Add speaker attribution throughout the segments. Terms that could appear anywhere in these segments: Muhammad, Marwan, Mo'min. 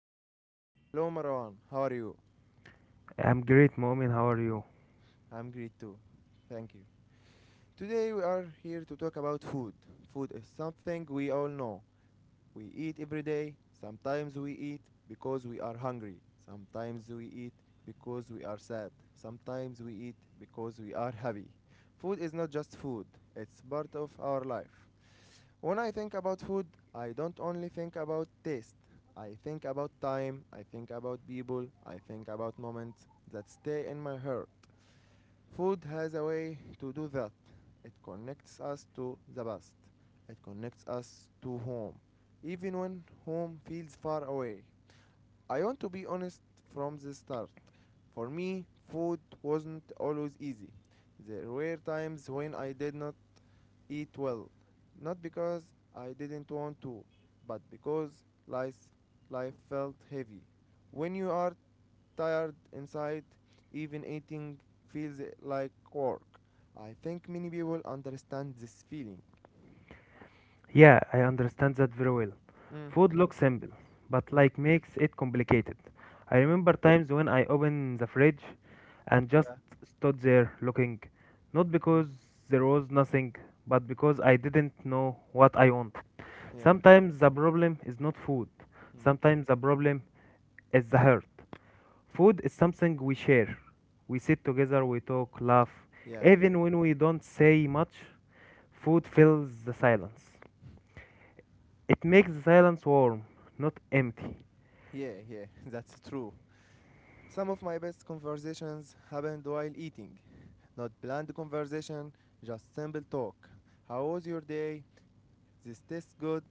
Speaker 1: host. Hello Marwan, how are you?
Speaker 2: I'm great, Mo'min. How are you?
Speaker 1: I'm great too, thank you. Today we are here to talk about food. Food is something we all know. We eat every day, sometimes we eat because we are hungry, sometimes we eat because we are sad, sometimes we eat because we are happy. Food is not just food, it's part of our life. When I think about food, I don't only think about taste. I think about time, I think about people, I think about moments that stay in my heart. Food has a way to do that. It connects us to the past. It connects us to home, even when home feels far away. I want to be honest from the start. For me, food wasn't always easy. There were times when I did not eat well, not because I didn't want to, but because life felt heavy. When you are tired inside, even eating feels like work. I think many people understand this feeling.
Speaker 2: Yeah, I understand that very well.
Speaker 1: Mm,
Speaker 2: Food
Speaker 1: mm,
Speaker 2: looks simple, but
Speaker 1: mm,
Speaker 2: like makes it complicated. I
Speaker 1: mm.
Speaker 2: remember times when I opened the fridge and just
Speaker 1: Yeah.
Speaker 2: stood there looking, not
Speaker 1: Mm.
Speaker 2: because there was nothing, but because I didn't know what I wanted.
Speaker 1: Yeah.
Speaker 2: Sometimes the problem is not food.
Speaker 1: Mm.
Speaker 2: Sometimes the problem is the heart. Food is something we share. We sit together, we talk, laugh.
Speaker 1: Yeah, yeah.
Speaker 2: Even when we don't say much, food fills the silence. It makes the silence warm, not empty.
Speaker 1: Yeah, yeah, that's true. Some of my best conversations happened while eating. Not planned conversation, just simple talk. How was your day? This tastes good.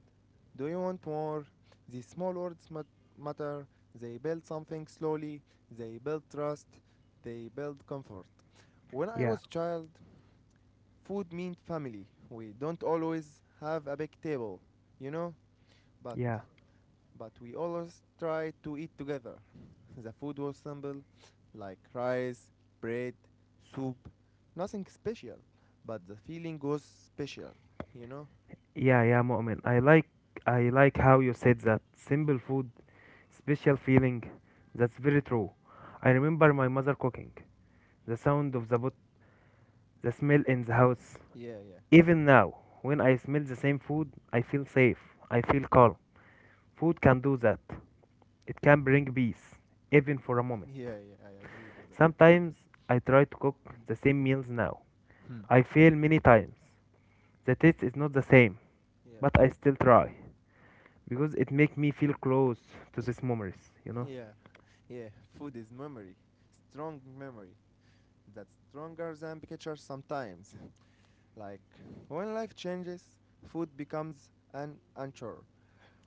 Speaker 1: Do you want more? These small words matter. They build something slowly. They build trust. They build comfort. When I
Speaker 2: Yeah,
Speaker 1: was a child, food meant family. We don't always have a big table, you know, but
Speaker 2: yeah,
Speaker 1: but we always try to eat together. The food was simple, like rice, bread, soup, nothing special, but the feeling was special, you know?
Speaker 2: yeah, yeah, Mu'min. I like how you said that. Simple food, special feeling. That's very true. I remember my mother cooking. The sound of the pot, the smell in the house.
Speaker 1: Yeah, yeah,
Speaker 2: Even now, when I smell the same food, I feel safe. I feel calm. Food can do that. It can bring peace, even for a moment.
Speaker 1: yeah, yeah, I agree with that.
Speaker 2: Sometimes I try to cook the same meals now.
Speaker 1: Hmm.
Speaker 2: I fail many times. The taste is not the same,
Speaker 1: Yeah,
Speaker 2: but I still try because it makes me feel close to these memories, you know?
Speaker 1: yeah, yeah. Food is memory, strong memory that's stronger than pictures sometimes. like when life changes, food becomes an anchor.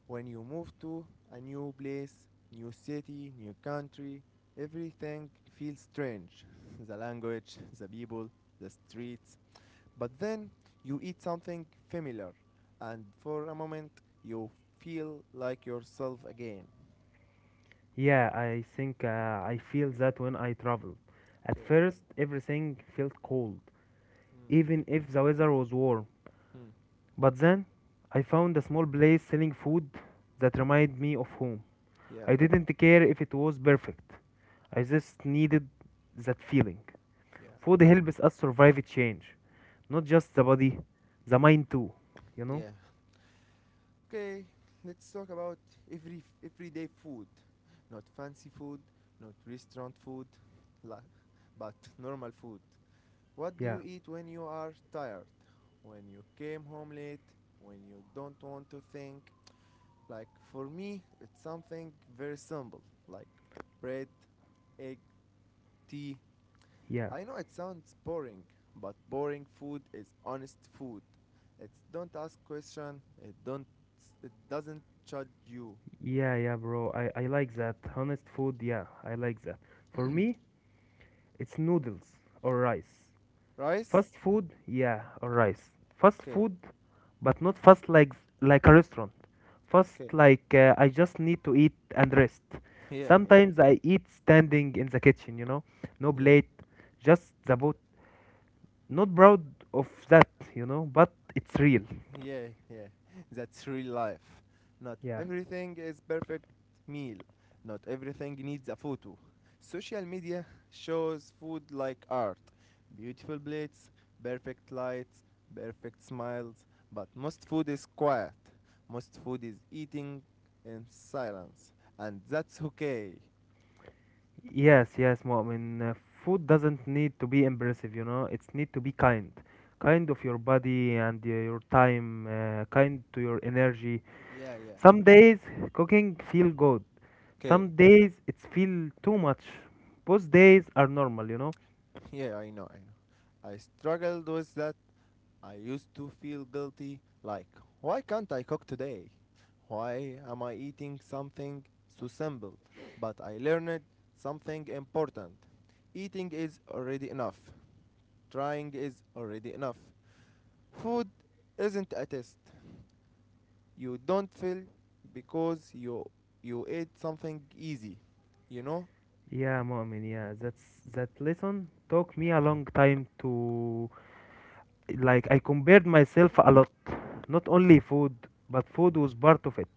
Speaker 1: When you move to a new place, new city, new country, everything feels strange the language, the people, the streets. But then you eat something familiar, and for a moment you feel like yourself again.
Speaker 2: Yeah, I think I feel that when I travel. At
Speaker 1: Okay.
Speaker 2: first, everything felt cold,
Speaker 1: Mm.
Speaker 2: even if the weather was warm.
Speaker 1: Mm.
Speaker 2: But then I found a small place selling food that reminded me of home.
Speaker 1: Yeah.
Speaker 2: I didn't care if it was perfect. I just needed that feeling.
Speaker 1: Yeah.
Speaker 2: Food helps us survive a change. Not just the body, the mind too. You know?
Speaker 1: Yeah. Okay. Let's talk about everyday food, not fancy food, not restaurant food, la- but normal food. What do
Speaker 2: Yeah,
Speaker 1: you eat when you are tired? When you came home late? When you don't want to think? Like for me, it's something very simple, like bread, egg, tea.
Speaker 2: yeah.
Speaker 1: I know it sounds boring, but boring food is honest food. It don't ask question. It don't. It doesn't judge you.
Speaker 2: Yeah, yeah, bro. I like that. Honest food, yeah, I like that. For me, it's noodles or rice.
Speaker 1: Rice?
Speaker 2: Fast food, yeah, or rice. Fast
Speaker 1: Okay.
Speaker 2: food, but not fast like a restaurant. Fast
Speaker 1: Okay.
Speaker 2: like I just need to eat and rest.
Speaker 1: Yeah. Yeah.
Speaker 2: Sometimes I eat standing in the kitchen, you know, no
Speaker 1: Yeah.
Speaker 2: plate, just the boat. Not proud of that, you know, but it's real.
Speaker 1: Yeah, yeah. That's real life. Not
Speaker 2: Yeah.
Speaker 1: everything is perfect meal. Not everything needs a photo. Social media shows food like art. Beautiful plates, perfect lights, perfect smiles, but most food is quiet. Most food is eating in silence, and that's okay.
Speaker 2: Yes, yes, Mu'min. Food doesn't need to be impressive, you know. It's need to be kind. Kind of your body and your time, kind to your energy.
Speaker 1: Yeah, yeah.
Speaker 2: Some days cooking feel good.
Speaker 1: Okay.
Speaker 2: Some days it feel too much. Both days are normal, you know.
Speaker 1: Yeah, I know, I know. I struggled with that. I used to feel guilty, like, why can't I cook today? Why am I eating something so simple? But I learned something important. Eating is already enough. Trying is already enough. Food isn't a test. You don't fail because you ate something easy. You know?
Speaker 2: Yeah, Mu'min, yeah. That lesson took me a long time to, like, I compared myself a lot. Not only food, but food was part of it.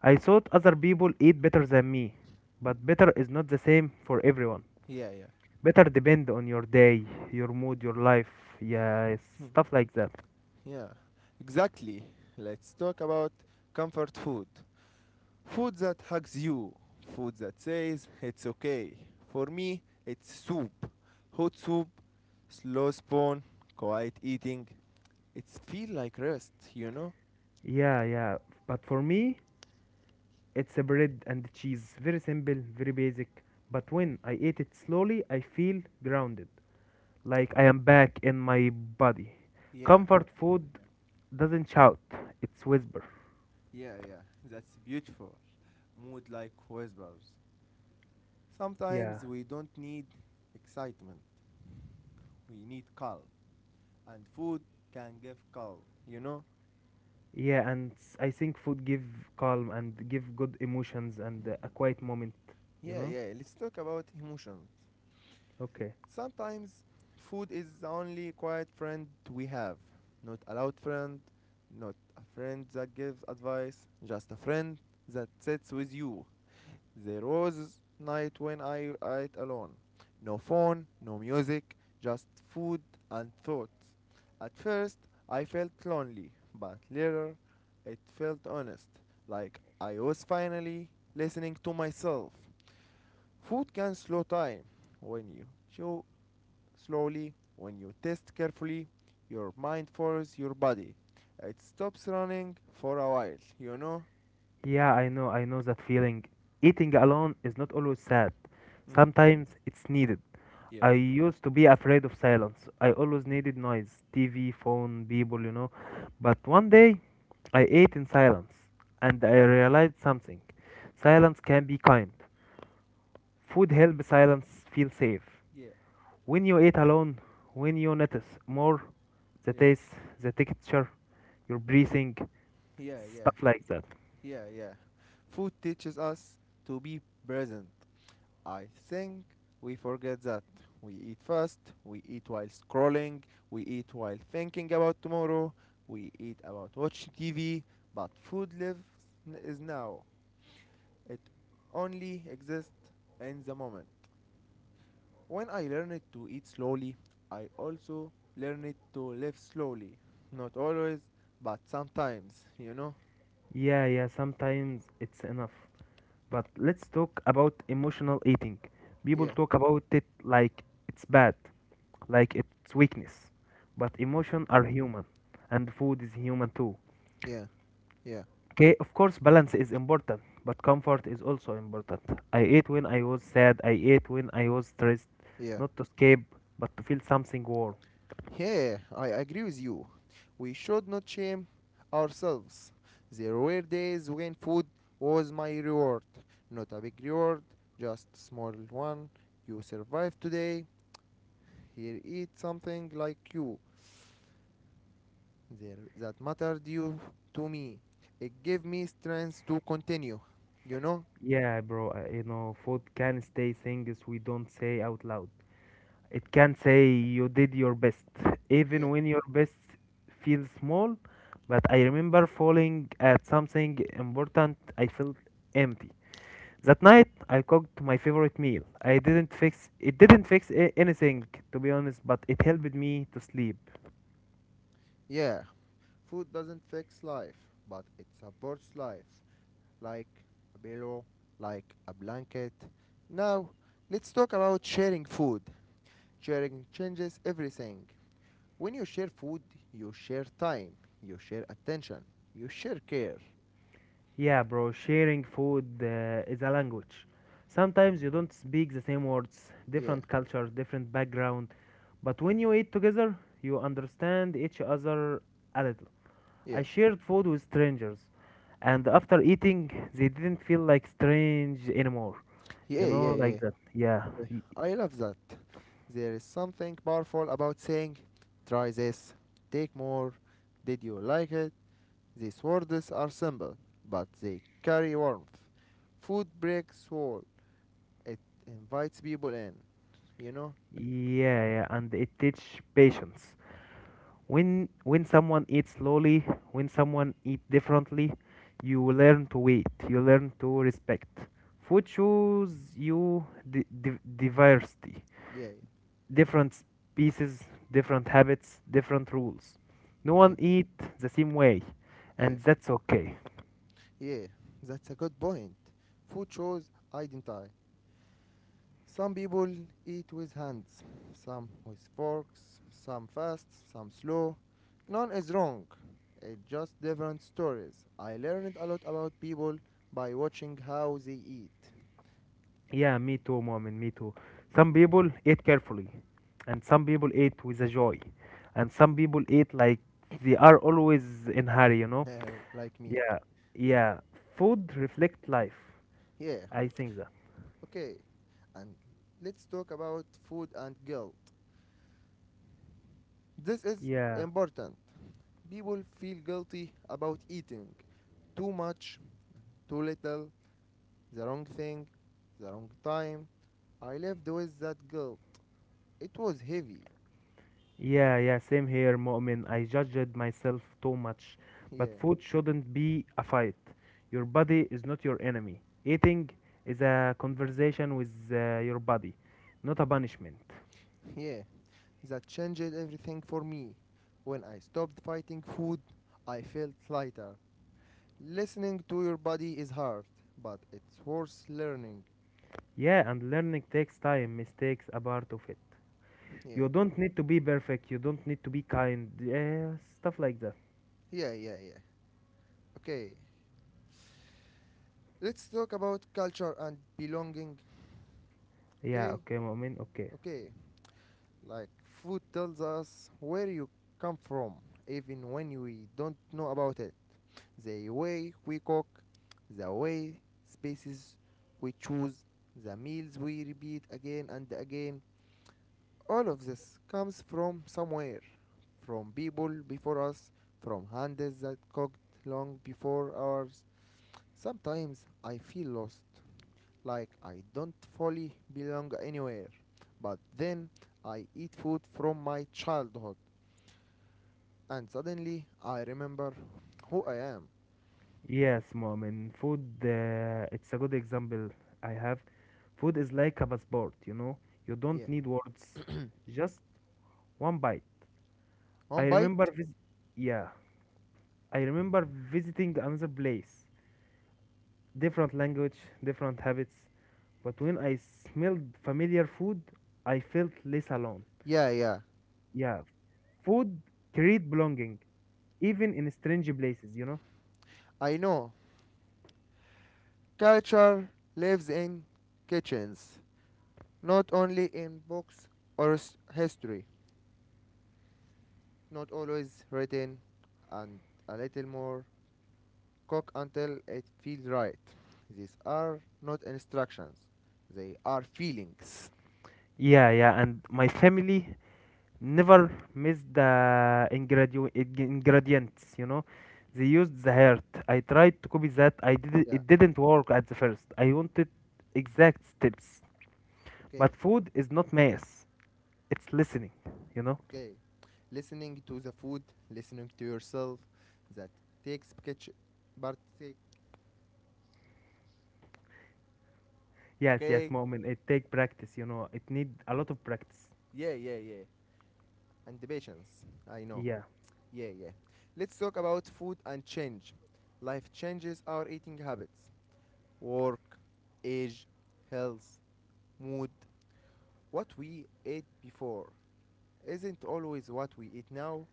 Speaker 2: I thought other people eat better than me, but better is not the same for everyone.
Speaker 1: Yeah, yeah.
Speaker 2: Better depend on your day, your mood, your life. Yeah, stuff like that.
Speaker 1: Yeah. Exactly. Let's talk about comfort food. Food that hugs you. Food that says it's okay. For me, it's soup. Hot soup, slow spoon, quiet eating. It's feel like rest, you know?
Speaker 2: Yeah, yeah. But for me, it's a bread and cheese, very simple, very basic. But when I eat it slowly, I feel grounded, like I am back in my body.
Speaker 1: Yeah,
Speaker 2: Comfort food doesn't shout, it's whisper.
Speaker 1: yeah, yeah. That's beautiful. Mood like whispers.
Speaker 2: Yeah,
Speaker 1: Sometimes we don't need excitement. We need calm. And food can give calm, you know?
Speaker 2: yeah, and I think food give calm and give good emotions and a quiet moment, you
Speaker 1: Yeah,
Speaker 2: know?
Speaker 1: yeah. Let's talk about emotions.
Speaker 2: Okay.
Speaker 1: Sometimes food is the only quiet friend we have. Not a loud friend, not a friend that gives advice, just a friend that sits with you. There was night when I ate alone. No phone, no music, just food and thoughts. At first, I felt lonely, but later, it felt honest, like I was finally listening to myself. Food can slow time when you chew slowly, when you test carefully, your mind follows your body. It stops running for a while, you know?
Speaker 2: Yeah, I know that feeling. Eating alone is not always sad.
Speaker 1: Mm. mm,
Speaker 2: Sometimes it's needed.
Speaker 1: Yeah.
Speaker 2: I used to be afraid of silence. I always needed noise, TV, phone, people, you know. But one day, I ate in silence and I realized something. Silence can be kind. Food helps silence feel safe.
Speaker 1: Yeah,
Speaker 2: When you eat alone, when you notice more the
Speaker 1: yeah,
Speaker 2: taste, the texture, your breathing,
Speaker 1: yeah, yeah,
Speaker 2: stuff like that.
Speaker 1: Yeah, yeah. Food teaches us to be present. I think we forget that. We eat fast, we eat while scrolling, we eat while thinking about tomorrow, we eat about watching TV, but food lives is now. It only exists in the moment. When I learned to eat slowly, I also learned to live slowly. Not always, but sometimes, you know?
Speaker 2: Yeah, yeah, sometimes it's enough. But let's talk about emotional eating. People
Speaker 1: Yeah,
Speaker 2: talk about it like it's bad, like it's weakness. But emotions are human, and food is human too.
Speaker 1: yeah, yeah,
Speaker 2: Okay, of course, balance is important, but comfort is also important. I ate when I was sad, I ate when I was stressed,
Speaker 1: yeah.
Speaker 2: not to escape, but to feel something warm.
Speaker 1: Yeah, I agree with you. We should not shame ourselves. There were days when food was my reward. Not a big reward, just small one. You survived today. Here, eat something like you there that mattered you to me. It gave me strength to continue. You know?
Speaker 2: Yeah, bro, you know, food can stay things we don't say out loud. It can say you did your best,
Speaker 1: Yeah.
Speaker 2: even when your best feels small. But I remember falling at something important, I felt empty. That night, I cooked my favorite meal. I didn't fix it, didn't fix a- anything, to be honest, but it helped me to sleep.
Speaker 1: Yeah. Food doesn't fix life, but it supports life. Like a pillow, like a blanket. Now, let's talk about sharing food. Sharing changes everything. When you share food, you share time, you share attention, you share care.
Speaker 2: Yeah, bro, sharing food is a language. Sometimes you don't speak the same words,
Speaker 1: Yeah,
Speaker 2: different culture, different background, but when you eat together, you understand each other a little. I
Speaker 1: yeah.
Speaker 2: shared food with strangers, and after eating, they didn't feel like strange anymore. You
Speaker 1: Yeah, yeah,
Speaker 2: know,
Speaker 1: yeah.
Speaker 2: like that.
Speaker 1: Okay, I love that. There is something powerful about saying, try this, take more, did you like it? These words are simple, but they carry warmth. Food breaks wall, it invites people in, you know?
Speaker 2: Yeah, yeah. And it teach patience. When someone eats slowly, when someone eat differently, you learn to wait. You learn to respect. Food shows you diversity,
Speaker 1: Yeah,
Speaker 2: different species, different habits, different rules. No
Speaker 1: yeah,
Speaker 2: one eat the same way,
Speaker 1: yeah,
Speaker 2: and that's okay.
Speaker 1: yeah. That's a good point. Food shows identity. Some people eat with hands, some with forks, some fast, some slow. None is wrong. It's just different stories. I learned a lot about people by watching how they eat.
Speaker 2: Yeah, me too, Momin, me too. Some people ate carefully, and some people ate with a joy, and some people ate like they are always in hurry, you know?
Speaker 1: Well, like me.
Speaker 2: Yeah, yeah. Food reflect life.
Speaker 1: Yeah,
Speaker 2: I think that.
Speaker 1: okay. And let's talk about food and guilt. This is
Speaker 2: Yeah,
Speaker 1: important. People feel guilty about eating too much, too little, the wrong thing, the wrong time. I lived with that guilt. It was heavy.
Speaker 2: yeah, yeah. Same here, Momin. I judged myself too much, but
Speaker 1: Yeah,
Speaker 2: food shouldn't be a fight. Your body is not your enemy. Eating is a conversation with your body, not a punishment.
Speaker 1: yeah. That changed everything for me. When I stopped fighting food, I felt lighter. Listening to your body is hard, but it's worth learning.
Speaker 2: Yeah, and learning takes time, mistakes are part of it.
Speaker 1: Yeah,
Speaker 2: You don't need to be perfect, you don't need to be kind, stuff like that.
Speaker 1: yeah, yeah, yeah. Okay, let's talk about culture and belonging.
Speaker 2: Yeah,
Speaker 1: Okay,
Speaker 2: okay, Mu'min, okay.
Speaker 1: okay. Like food tells us where you come from, even when we don't know about it. The way we cook, the way spaces we choose, the meals we repeat again and again. All of this comes from somewhere, from people before us, from hands that cooked long before ours. Sometimes I feel lost, like I don't fully belong anywhere. But then I eat food from my childhood, and suddenly I remember who I am.
Speaker 2: Yes, Mu'min, food, it's a good example I have. Food is like a passport, you know? You
Speaker 1: Yeah,
Speaker 2: don't need words, just one bite. I
Speaker 1: one bite.
Speaker 2: remember, vis- yeah, I remember visiting another place, different language, different habits, but when I smelled familiar food, I felt less alone.
Speaker 1: Yeah, yeah,
Speaker 2: Yeah, food create belonging, even in strange places, you know?
Speaker 1: I know culture lives in kitchens, not only in books or history, not always written, and a little more cook until it feels right. These are not instructions, they are feelings.
Speaker 2: Yeah, yeah, and my family never missed the ingredients, you know. They used the heart. I tried to copy that. I did
Speaker 1: Yeah,
Speaker 2: it didn't work at the first. I wanted exact steps.
Speaker 1: okay,
Speaker 2: But food is not math. It's listening, you know.
Speaker 1: okay. Listening to the food, listening to yourself, that takes kitchen, partake,
Speaker 2: Yes, yes,
Speaker 1: okay?
Speaker 2: moment. It take practice, you know. It need a lot of practice.
Speaker 1: Yeah, yeah, yeah. And the patience, I know.
Speaker 2: Yeah.
Speaker 1: Yeah, yeah. Let's talk about food and change. Life changes our eating habits, work, age, health, mood. What we ate before isn't always what we eat now.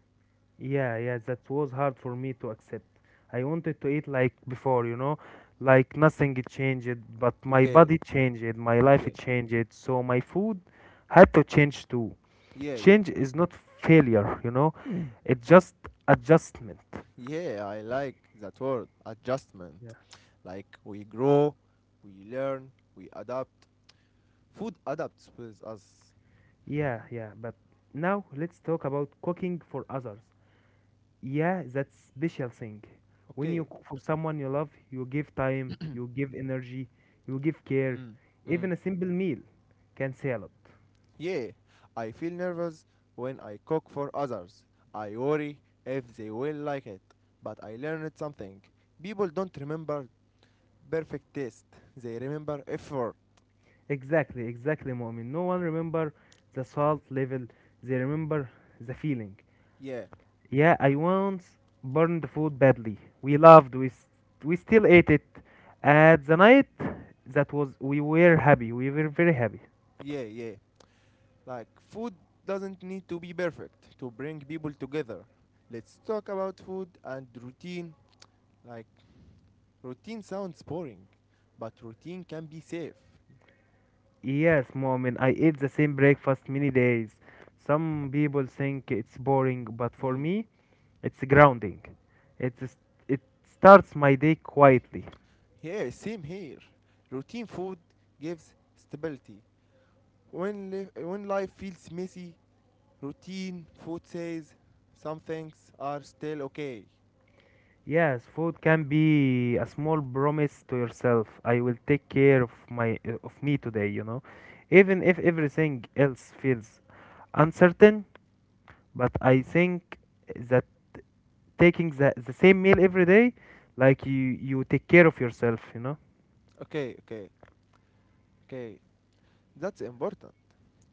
Speaker 2: Yeah, yeah, that was hard for me to accept. I wanted to eat like before, you know, like nothing it changed, but my
Speaker 1: Okay,
Speaker 2: body changed, my life it
Speaker 1: okay.
Speaker 2: changed, so my food had to change too.
Speaker 1: Yeah, yeah.
Speaker 2: Change is not failure, you know. Mm. It's just adjustment.
Speaker 1: Yeah, I like that word, adjustment.
Speaker 2: Yeah,
Speaker 1: Like we grow, we learn, we adapt. Food adapts with us.
Speaker 2: yeah, yeah. But now let's talk about cooking for others. Yeah, that's special thing. When you
Speaker 1: Okay.
Speaker 2: cook for someone you love, you give time, you give energy, you give care.
Speaker 1: Mm.
Speaker 2: Even a simple meal can say a lot.
Speaker 1: Yeah, I feel nervous when I cook for others. I worry if they will like it. But I learned something. People don't remember perfect taste, they remember effort.
Speaker 2: Exactly, exactly, Mu'min. No one remember the salt level. They remember the feeling.
Speaker 1: Yeah,
Speaker 2: Yeah, I once burned the food badly. We loved. We s- We still ate it. At the night, that was we were happy. We were very happy.
Speaker 1: yeah, yeah. Like, food doesn't need to be perfect to bring people together. Let's talk about food and routine. Like, routine sounds boring, but routine can be safe.
Speaker 2: Yes, Momin, I eat the same breakfast many days. Some people think it's boring, but for
Speaker 1: Mm.
Speaker 2: me, it's grounding. It's, it starts my day quietly.
Speaker 1: Yeah, same here. Routine food gives stability. When life feels messy, routine food says some things are still okay.
Speaker 2: Yes, food can be a small promise to yourself. I will take care of my of me today, you know. Even if everything else feels uncertain, but I think that taking the same meal every day, like you take care of yourself, you know.
Speaker 1: Okay, okay, okay. That's important.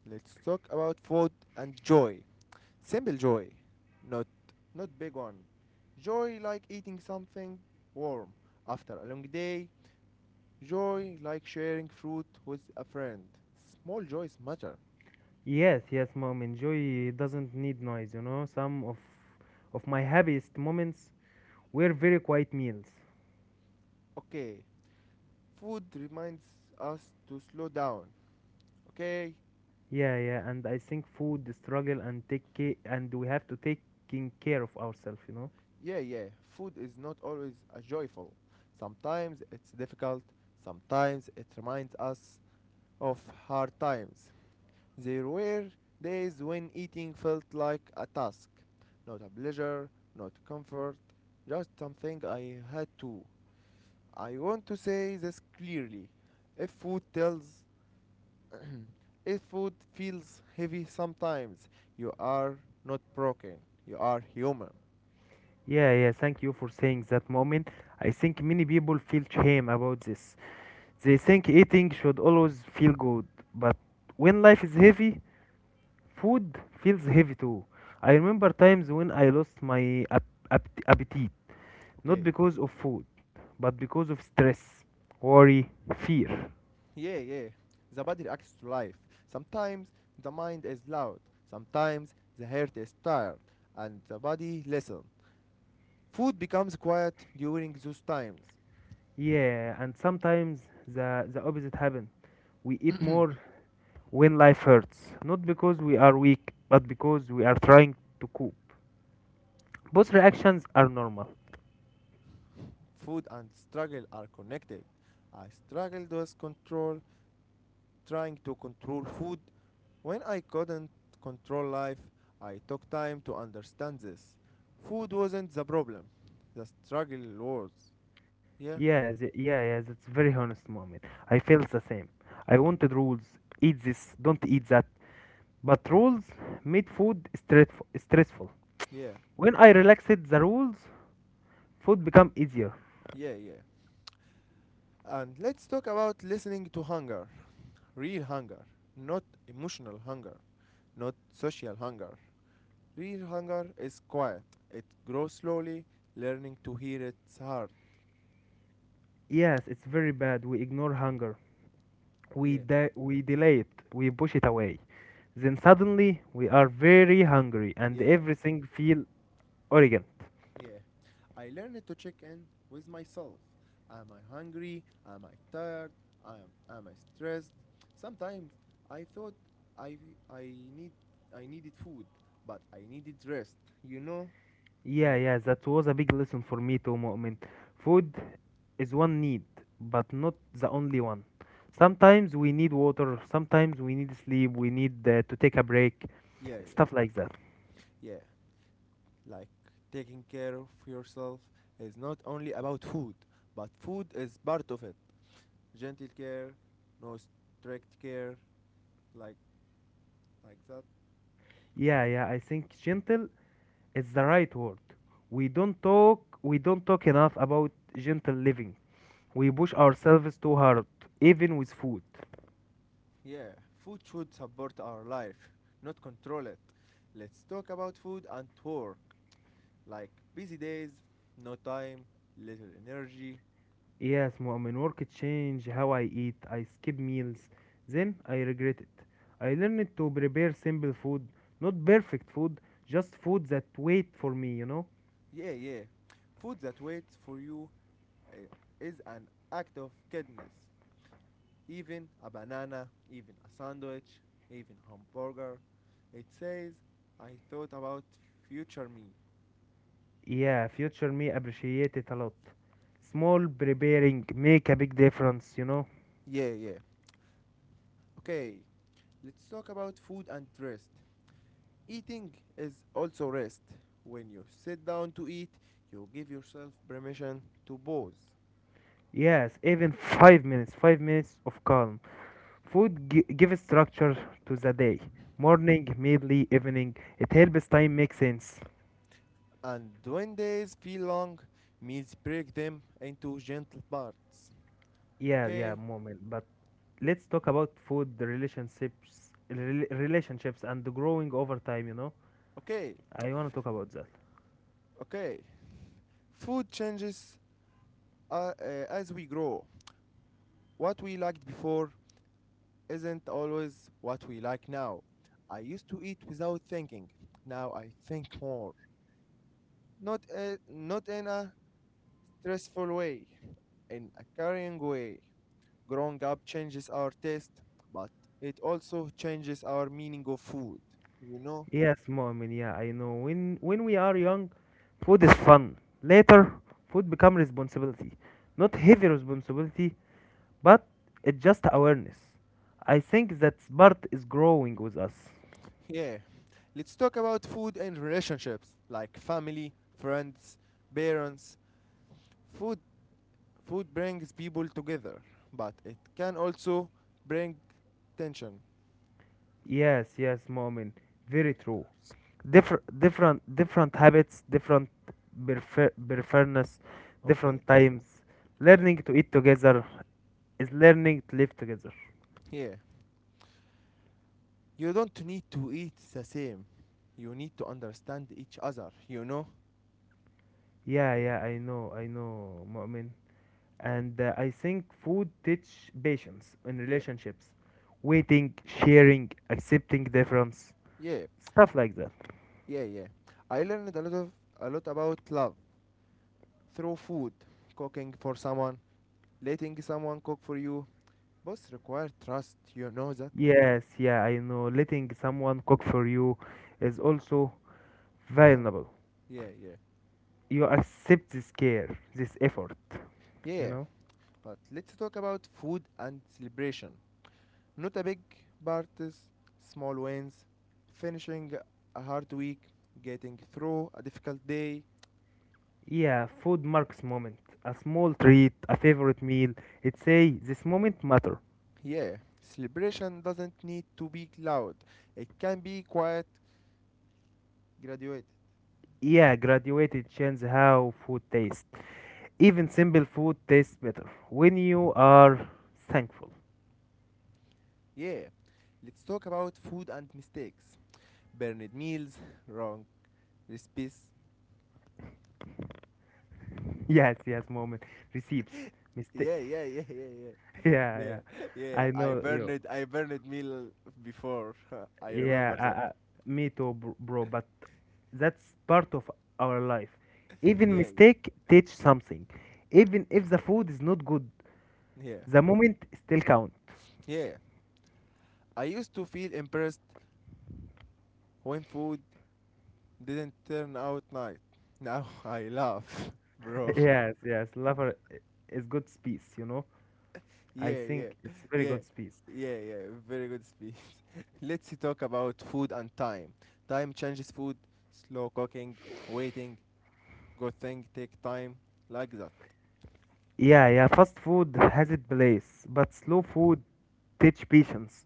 Speaker 1: Let's talk about food and joy. Simple joy, not not big one. Joy like eating something warm after a long day. Joy like sharing fruit with a friend. Small joys matter.
Speaker 2: Yes, yes, mom. Enjoy doesn't need noise, you know. Some of my happiest moments were very quiet meals.
Speaker 1: Okay, food reminds us to slow down. Okay,
Speaker 2: Yeah, yeah, and I think food, the struggle, and take care, and we have to taking care of ourselves, you know.
Speaker 1: yeah, yeah, food is not always a joyful. Sometimes it's difficult, sometimes it reminds us of hard times. There were days when eating felt like a task, not a pleasure, not comfort, just something I had to. I want to say this clearly. If food tells, if food feels heavy sometimes, you are not broken, you are human.
Speaker 2: Yeah, yeah. Thank you for saying that moment. I think many people feel shame about this. They think eating should always feel good, but when life is heavy, food feels heavy too. I remember times when I lost my appetite, not
Speaker 1: Okay,
Speaker 2: because of food, but because of stress, worry, fear.
Speaker 1: yeah, yeah. The body reacts to life. Sometimes the mind is loud, sometimes the heart is tired, and the body listens. Food becomes quiet during those times.
Speaker 2: Yeah, and sometimes the opposite happens. We eat more when life hurts, not because we are weak, but because we are trying to cope. Both reactions are normal.
Speaker 1: Food and struggle are connected. I struggled with control, trying to control food. When I couldn't control life, I took time to understand this. Food wasn't the problem, the struggle was. Yeah,
Speaker 2: Yeah, that's very honest moment. I felt the same. I wanted rules, eat this, don't eat that. But rules made food stressful.
Speaker 1: yeah,
Speaker 2: When I relaxed the rules, food became easier.
Speaker 1: yeah, yeah. And let's talk about listening to hunger, real hunger, not emotional hunger, not social hunger. Real hunger is quiet, it grows slowly, learning to hear its heart.
Speaker 2: Yes, it's very bad. We ignore hunger.
Speaker 1: Yeah,
Speaker 2: We delay it. We push it away. Then suddenly we are very hungry and
Speaker 1: yeah,
Speaker 2: everything feel urgent.
Speaker 1: yeah. Yeah. I learned to check in with myself. Am I hungry? Am I tired? Am, am I stressed? Sometimes I thought I, I, need, I needed food, but I needed rest, you know?
Speaker 2: Yeah,
Speaker 1: Mm.
Speaker 2: yeah, that was a big lesson for me too, Mu'min. Food is one need, but not the only one. Sometimes we need water, sometimes we need sleep, we need to take a break,
Speaker 1: Yeah, yeah,
Speaker 2: stuff like that.
Speaker 1: yeah. Like taking care of yourself is not only about food, but food is part of it. Gentle care, no strict care, like that.
Speaker 2: Yeah, yeah, I think gentle is the right word. We don't talk enough about gentle living. We push ourselves too hard, even with food.
Speaker 1: Yeah, food should support our life, not control it. Let's talk about food and work, like busy days, no time, little energy.
Speaker 2: Yes, Mu'min, work change how I eat. I skip meals. Then I regret it. I learned to prepare simple food, not perfect food, just food that wait for me, you know?
Speaker 1: Yeah, yeah. Food that waits for you uh, is an act of kindness. Even a banana, even a sandwich, even hamburger. It says, I thought about future me.
Speaker 2: Yeah, future me appreciate it a lot. Small preparing make a big difference, you know?
Speaker 1: Yeah, yeah. Okay, let's talk about food and rest. Eating is also rest. When you sit down to eat, you give yourself permission to pause.
Speaker 2: Yes, even 5 minutes, 5 minutes of calm. Food gives structure to the day. Morning, midday, evening. It helps time make sense.
Speaker 1: And when days feel long, meals break them into gentle parts.
Speaker 2: Yeah, yeah,
Speaker 1: Okay,
Speaker 2: moment. But let's talk about food, relationships, and growing over time. You know,
Speaker 1: okay,
Speaker 2: I want to talk about that.
Speaker 1: okay. Food changes uh, uh, as we grow. What we liked before isn't always what we like now. I used to eat without thinking. Now I think more. Not in a stressful way, in a caring way. Growing up changes our taste, but it also changes our meaning of food. You know?
Speaker 2: Yes, moment. Yeah, I know. When we are young, food is fun. Later, food become responsibility, not heavy responsibility, but it's just awareness. I think that part is growing with us.
Speaker 1: Yeah. Let's talk about food and relationships like family, friends, parents. Food Food brings people together, but it can also bring tension.
Speaker 2: Yes, yes, moment. Very true. Different habits, different preference,
Speaker 1: Okay.
Speaker 2: different times.
Speaker 1: Yeah.
Speaker 2: Learning to eat together is learning to live together.
Speaker 1: Yeah. You don't need to eat the same. You need to understand each other, you know?
Speaker 2: Yeah, I know, mu'min. And I think food teach patience in
Speaker 1: Yeah.
Speaker 2: relationships, waiting, sharing, accepting difference,
Speaker 1: Yeah.
Speaker 2: stuff like that.
Speaker 1: Yeah, yeah. I learned a lot about love through food, cooking for someone, letting someone cook for you. Both require trust, you know that?
Speaker 2: Yes, I know, letting someone cook for you is also
Speaker 1: Huh.
Speaker 2: valuable.
Speaker 1: Yeah, yeah.
Speaker 2: You accept this care, this effort, you
Speaker 1: Yeah.
Speaker 2: know.
Speaker 1: But let's talk about food and celebration. Not a big parties, small wins, finishing a hard week, getting through a difficult day.
Speaker 2: Yeah, food marks moment. A small treat, a favorite meal. It say this moment matter.
Speaker 1: Yeah, celebration doesn't need to be loud, it can be quiet, graduated.
Speaker 2: Yeah, graduated change how food tastes. Even simple food tastes better when you are thankful.
Speaker 1: Yeah, let's talk about food and mistakes. Burned meals, wrong recipes.
Speaker 2: Yes, yes, moment. Receives mistake.
Speaker 1: Yeah, yeah, yeah, yeah, yeah.
Speaker 2: Yeah,
Speaker 1: Yeah,
Speaker 2: yeah.
Speaker 1: yeah,
Speaker 2: I know you.
Speaker 1: I burned meal before. I
Speaker 2: Yeah,
Speaker 1: remember that.
Speaker 2: me too, bro. But that's part of our life. Even
Speaker 1: Yeah,
Speaker 2: mistake teach something. Even if the food is not good,
Speaker 1: yeah,
Speaker 2: the moment still count.
Speaker 1: yeah. I used to feel impressed when food didn't turn out night. Now I laugh, bro.
Speaker 2: Yes, yes, lover is good space, you know. I
Speaker 1: Yeah, yeah,
Speaker 2: think it's very
Speaker 1: yeah,
Speaker 2: good space.
Speaker 1: yeah, yeah. Very good speech. Let's talk about food and time. Time changes food. Slow cooking, waiting, good thing take time, like that.
Speaker 2: Yeah, yeah, fast food has its place, but slow food teach patience.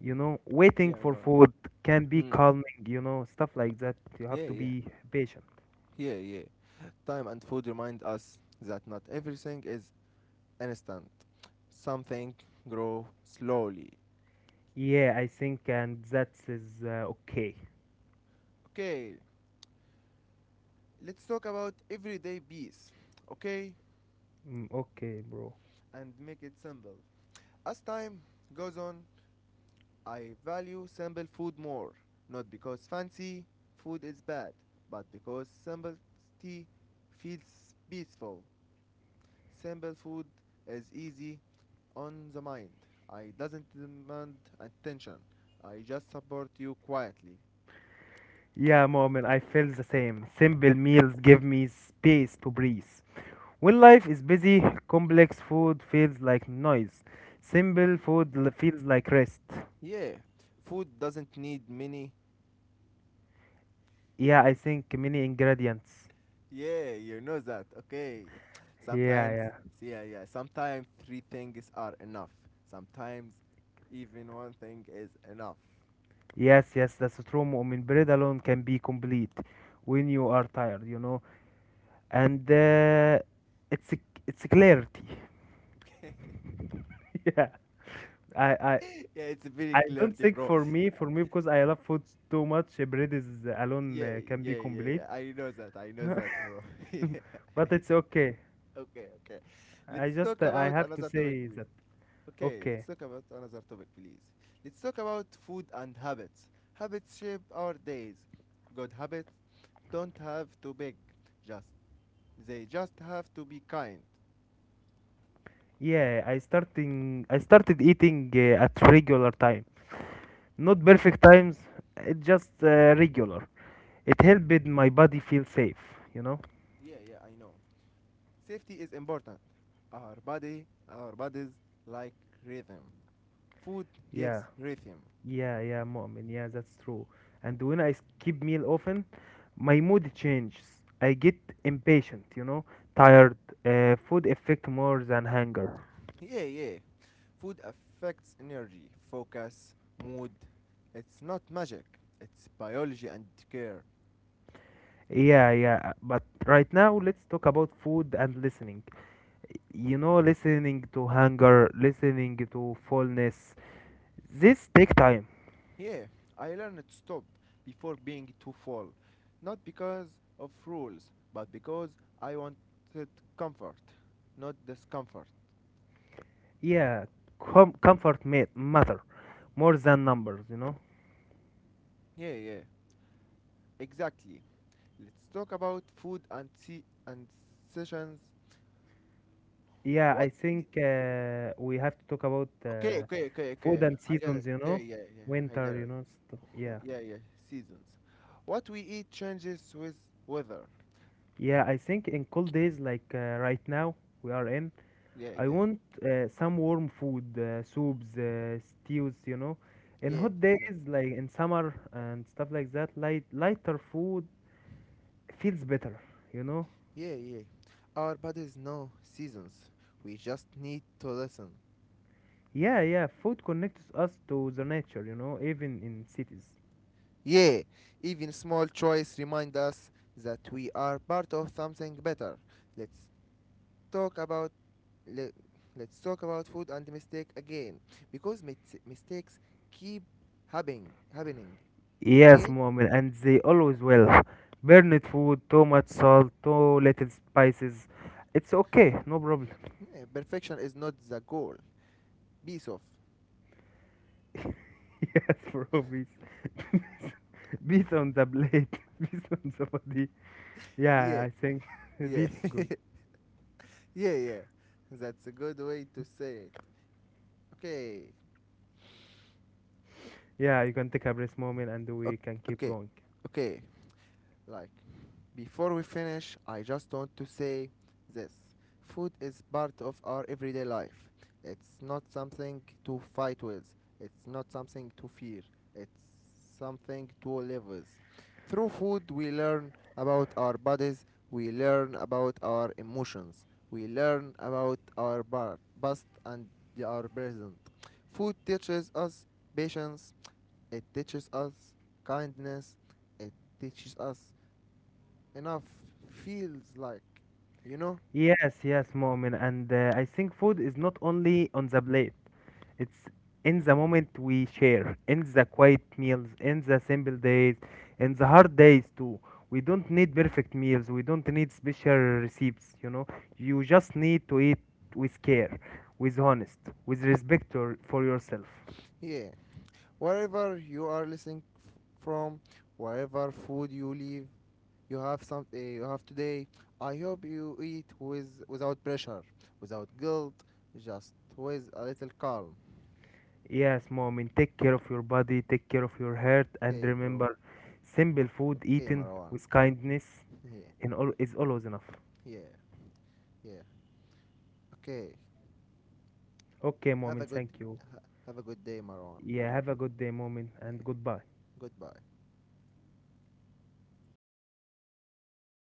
Speaker 2: You know, waiting
Speaker 1: Yeah, I
Speaker 2: for
Speaker 1: know.
Speaker 2: food can be
Speaker 1: Mm.
Speaker 2: calming, you know, stuff like that. You have
Speaker 1: Yeah,
Speaker 2: to
Speaker 1: yeah,
Speaker 2: be patient.
Speaker 1: yeah, yeah. Time and food remind us that not everything is instant. Something grow slowly.
Speaker 2: Yeah, I think and that is okay.
Speaker 1: Okay, let's talk about everyday peace. Okay,
Speaker 2: Mm, okay, bro.
Speaker 1: and make it simple. As time goes on, I value simple food more, not because fancy food is bad, but because simplicity feels peaceful. Simple food is easy on the mind. I doesn't demand attention. I just support you quietly.
Speaker 2: Yeah, moment, I feel the same. Simple meals give me space to breathe. When life is busy, complex food feels like noise. Simple food feels like rest.
Speaker 1: Yeah, food doesn't need many.
Speaker 2: Yeah, I think many ingredients.
Speaker 1: Yeah, you know that. Okay.
Speaker 2: Yeah,
Speaker 1: Sometimes,
Speaker 2: yeah.
Speaker 1: yeah, yeah. Sometimes three things are enough. Sometimes even one thing is enough.
Speaker 2: Yes, yes, that's true. Mu'min, bread alone can be complete when you are tired, you know. And it's it's a clarity.
Speaker 1: Okay.
Speaker 2: yeah, I, I
Speaker 1: Yeah, it's very
Speaker 2: I don't
Speaker 1: clarity,
Speaker 2: think,
Speaker 1: bro.
Speaker 2: for me, because I love food too much, bread is alone
Speaker 1: Yeah,
Speaker 2: can
Speaker 1: yeah,
Speaker 2: be
Speaker 1: yeah,
Speaker 2: complete.
Speaker 1: yeah. I know that. I know that, bro. Yeah.
Speaker 2: but it's okay.
Speaker 1: Okay, okay.
Speaker 2: I
Speaker 1: Let's
Speaker 2: just
Speaker 1: talk
Speaker 2: I
Speaker 1: about
Speaker 2: have to
Speaker 1: another topic,
Speaker 2: say
Speaker 1: please.
Speaker 2: that.
Speaker 1: Okay, let's
Speaker 2: Okay.
Speaker 1: talk about another topic, please. Let's talk about food and habits. Habits shape our days. Good habits don't have to beg. Just They just have to be kind.
Speaker 2: Yeah, I started eating at regular time. Not perfect times, it just regular. It helped my body feel safe, you know?
Speaker 1: Yeah, yeah, I know. Safety is important. Our bodies like rhythm. Food
Speaker 2: Yeah.
Speaker 1: gives rhythm.
Speaker 2: Yeah, yeah, Mu'min. Yeah, that's true. And when I skip meal often, my mood changes. I get impatient, you know, tired. Food affect more than hunger.
Speaker 1: Yeah, yeah. Food affects energy, focus, mood. It's not magic. It's biology and care.
Speaker 2: Yeah, yeah. But right now, let's talk about food and listening. You know, listening to hunger, listening to fullness. This take time.
Speaker 1: Yeah, I learned to stop before being too full, not because of rules, but because I wanted comfort, not discomfort.
Speaker 2: Yeah, comfort matter more than numbers, you know.
Speaker 1: Yeah, yeah. Exactly. Let's talk about food and see and sessions.
Speaker 2: Yeah, I
Speaker 1: What? Is
Speaker 2: think we have to talk about
Speaker 1: Okay, okay, okay,
Speaker 2: food
Speaker 1: okay.
Speaker 2: and
Speaker 1: I got it.
Speaker 2: seasons, you
Speaker 1: Yeah,
Speaker 2: know,
Speaker 1: yeah, yeah. I got
Speaker 2: winter, you
Speaker 1: it.
Speaker 2: know. Stuff. Yeah,
Speaker 1: Yeah, yeah. Seasons. What we eat changes with weather.
Speaker 2: yeah. I think in cold days like right now we are in,
Speaker 1: Yeah,
Speaker 2: I
Speaker 1: yeah,
Speaker 2: want some warm food, soups, stews, you know. In
Speaker 1: yeah.
Speaker 2: hot
Speaker 1: I know.
Speaker 2: days like in summer and stuff like that, lighter food feels better, you know.
Speaker 1: Yeah, yeah. Our bodies know seasons. We just need to listen.
Speaker 2: Yeah, yeah, food connects us to the nature, you know, even in cities.
Speaker 1: Yeah. Even small choice remind us that we are part of something better. Let's talk about let, let's talk about food and mistake again because mistakes keep happening,
Speaker 2: Yes,
Speaker 1: yeah?
Speaker 2: Muhammad, and they always will. Burned food, too much salt, too little spices. It's okay, no problem.
Speaker 1: Yeah, perfection is not the goal. Be soft.
Speaker 2: Yes, bro, peace. Peace on the plate, peace on the body. Yeah,
Speaker 1: Yeah,
Speaker 2: I think
Speaker 1: yeah,
Speaker 2: peace is good.
Speaker 1: yeah, yeah, that's a good way to say it. Okay,
Speaker 2: Yeah, you can take a breath, moment, and we
Speaker 1: okay,
Speaker 2: can keep
Speaker 1: okay,
Speaker 2: going.
Speaker 1: okay. Like, before we finish, I just want to say this. Food is part of our everyday life. It's not something to fight with, it's not something to fear, it's something to live with. Through food, we learn about our bodies, we learn about our emotions, we learn about our past and our present. Food teaches us patience, it teaches us kindness, it teaches us enough feels like, you know?
Speaker 2: Yes, yes, moment, and I think food is not only on the plate. It's in the moment we share, in the quiet meals, in the simple days, in the hard days too. We don't need perfect meals, we don't need special recipes, you know. You just need to eat with care, with honest, with respect for yourself.
Speaker 1: Yeah. Wherever you are listening from, wherever food you leave, you have some you have today. I hope you eat with without pressure, without guilt, just with a little calm.
Speaker 2: Yes, mom, and take care of your body, take care of your heart, and
Speaker 1: Okay, bro.
Speaker 2: remember, simple food
Speaker 1: Okay,
Speaker 2: eaten
Speaker 1: Marwan.
Speaker 2: with kindness
Speaker 1: Yeah,
Speaker 2: in all, is always enough.
Speaker 1: yeah, yeah. Okay.
Speaker 2: Okay, mom,
Speaker 1: Have a
Speaker 2: and
Speaker 1: good
Speaker 2: thank you.
Speaker 1: have a good day, Marwan.
Speaker 2: Yeah, have a good day, mom,
Speaker 1: Yeah.
Speaker 2: and goodbye.
Speaker 1: Goodbye.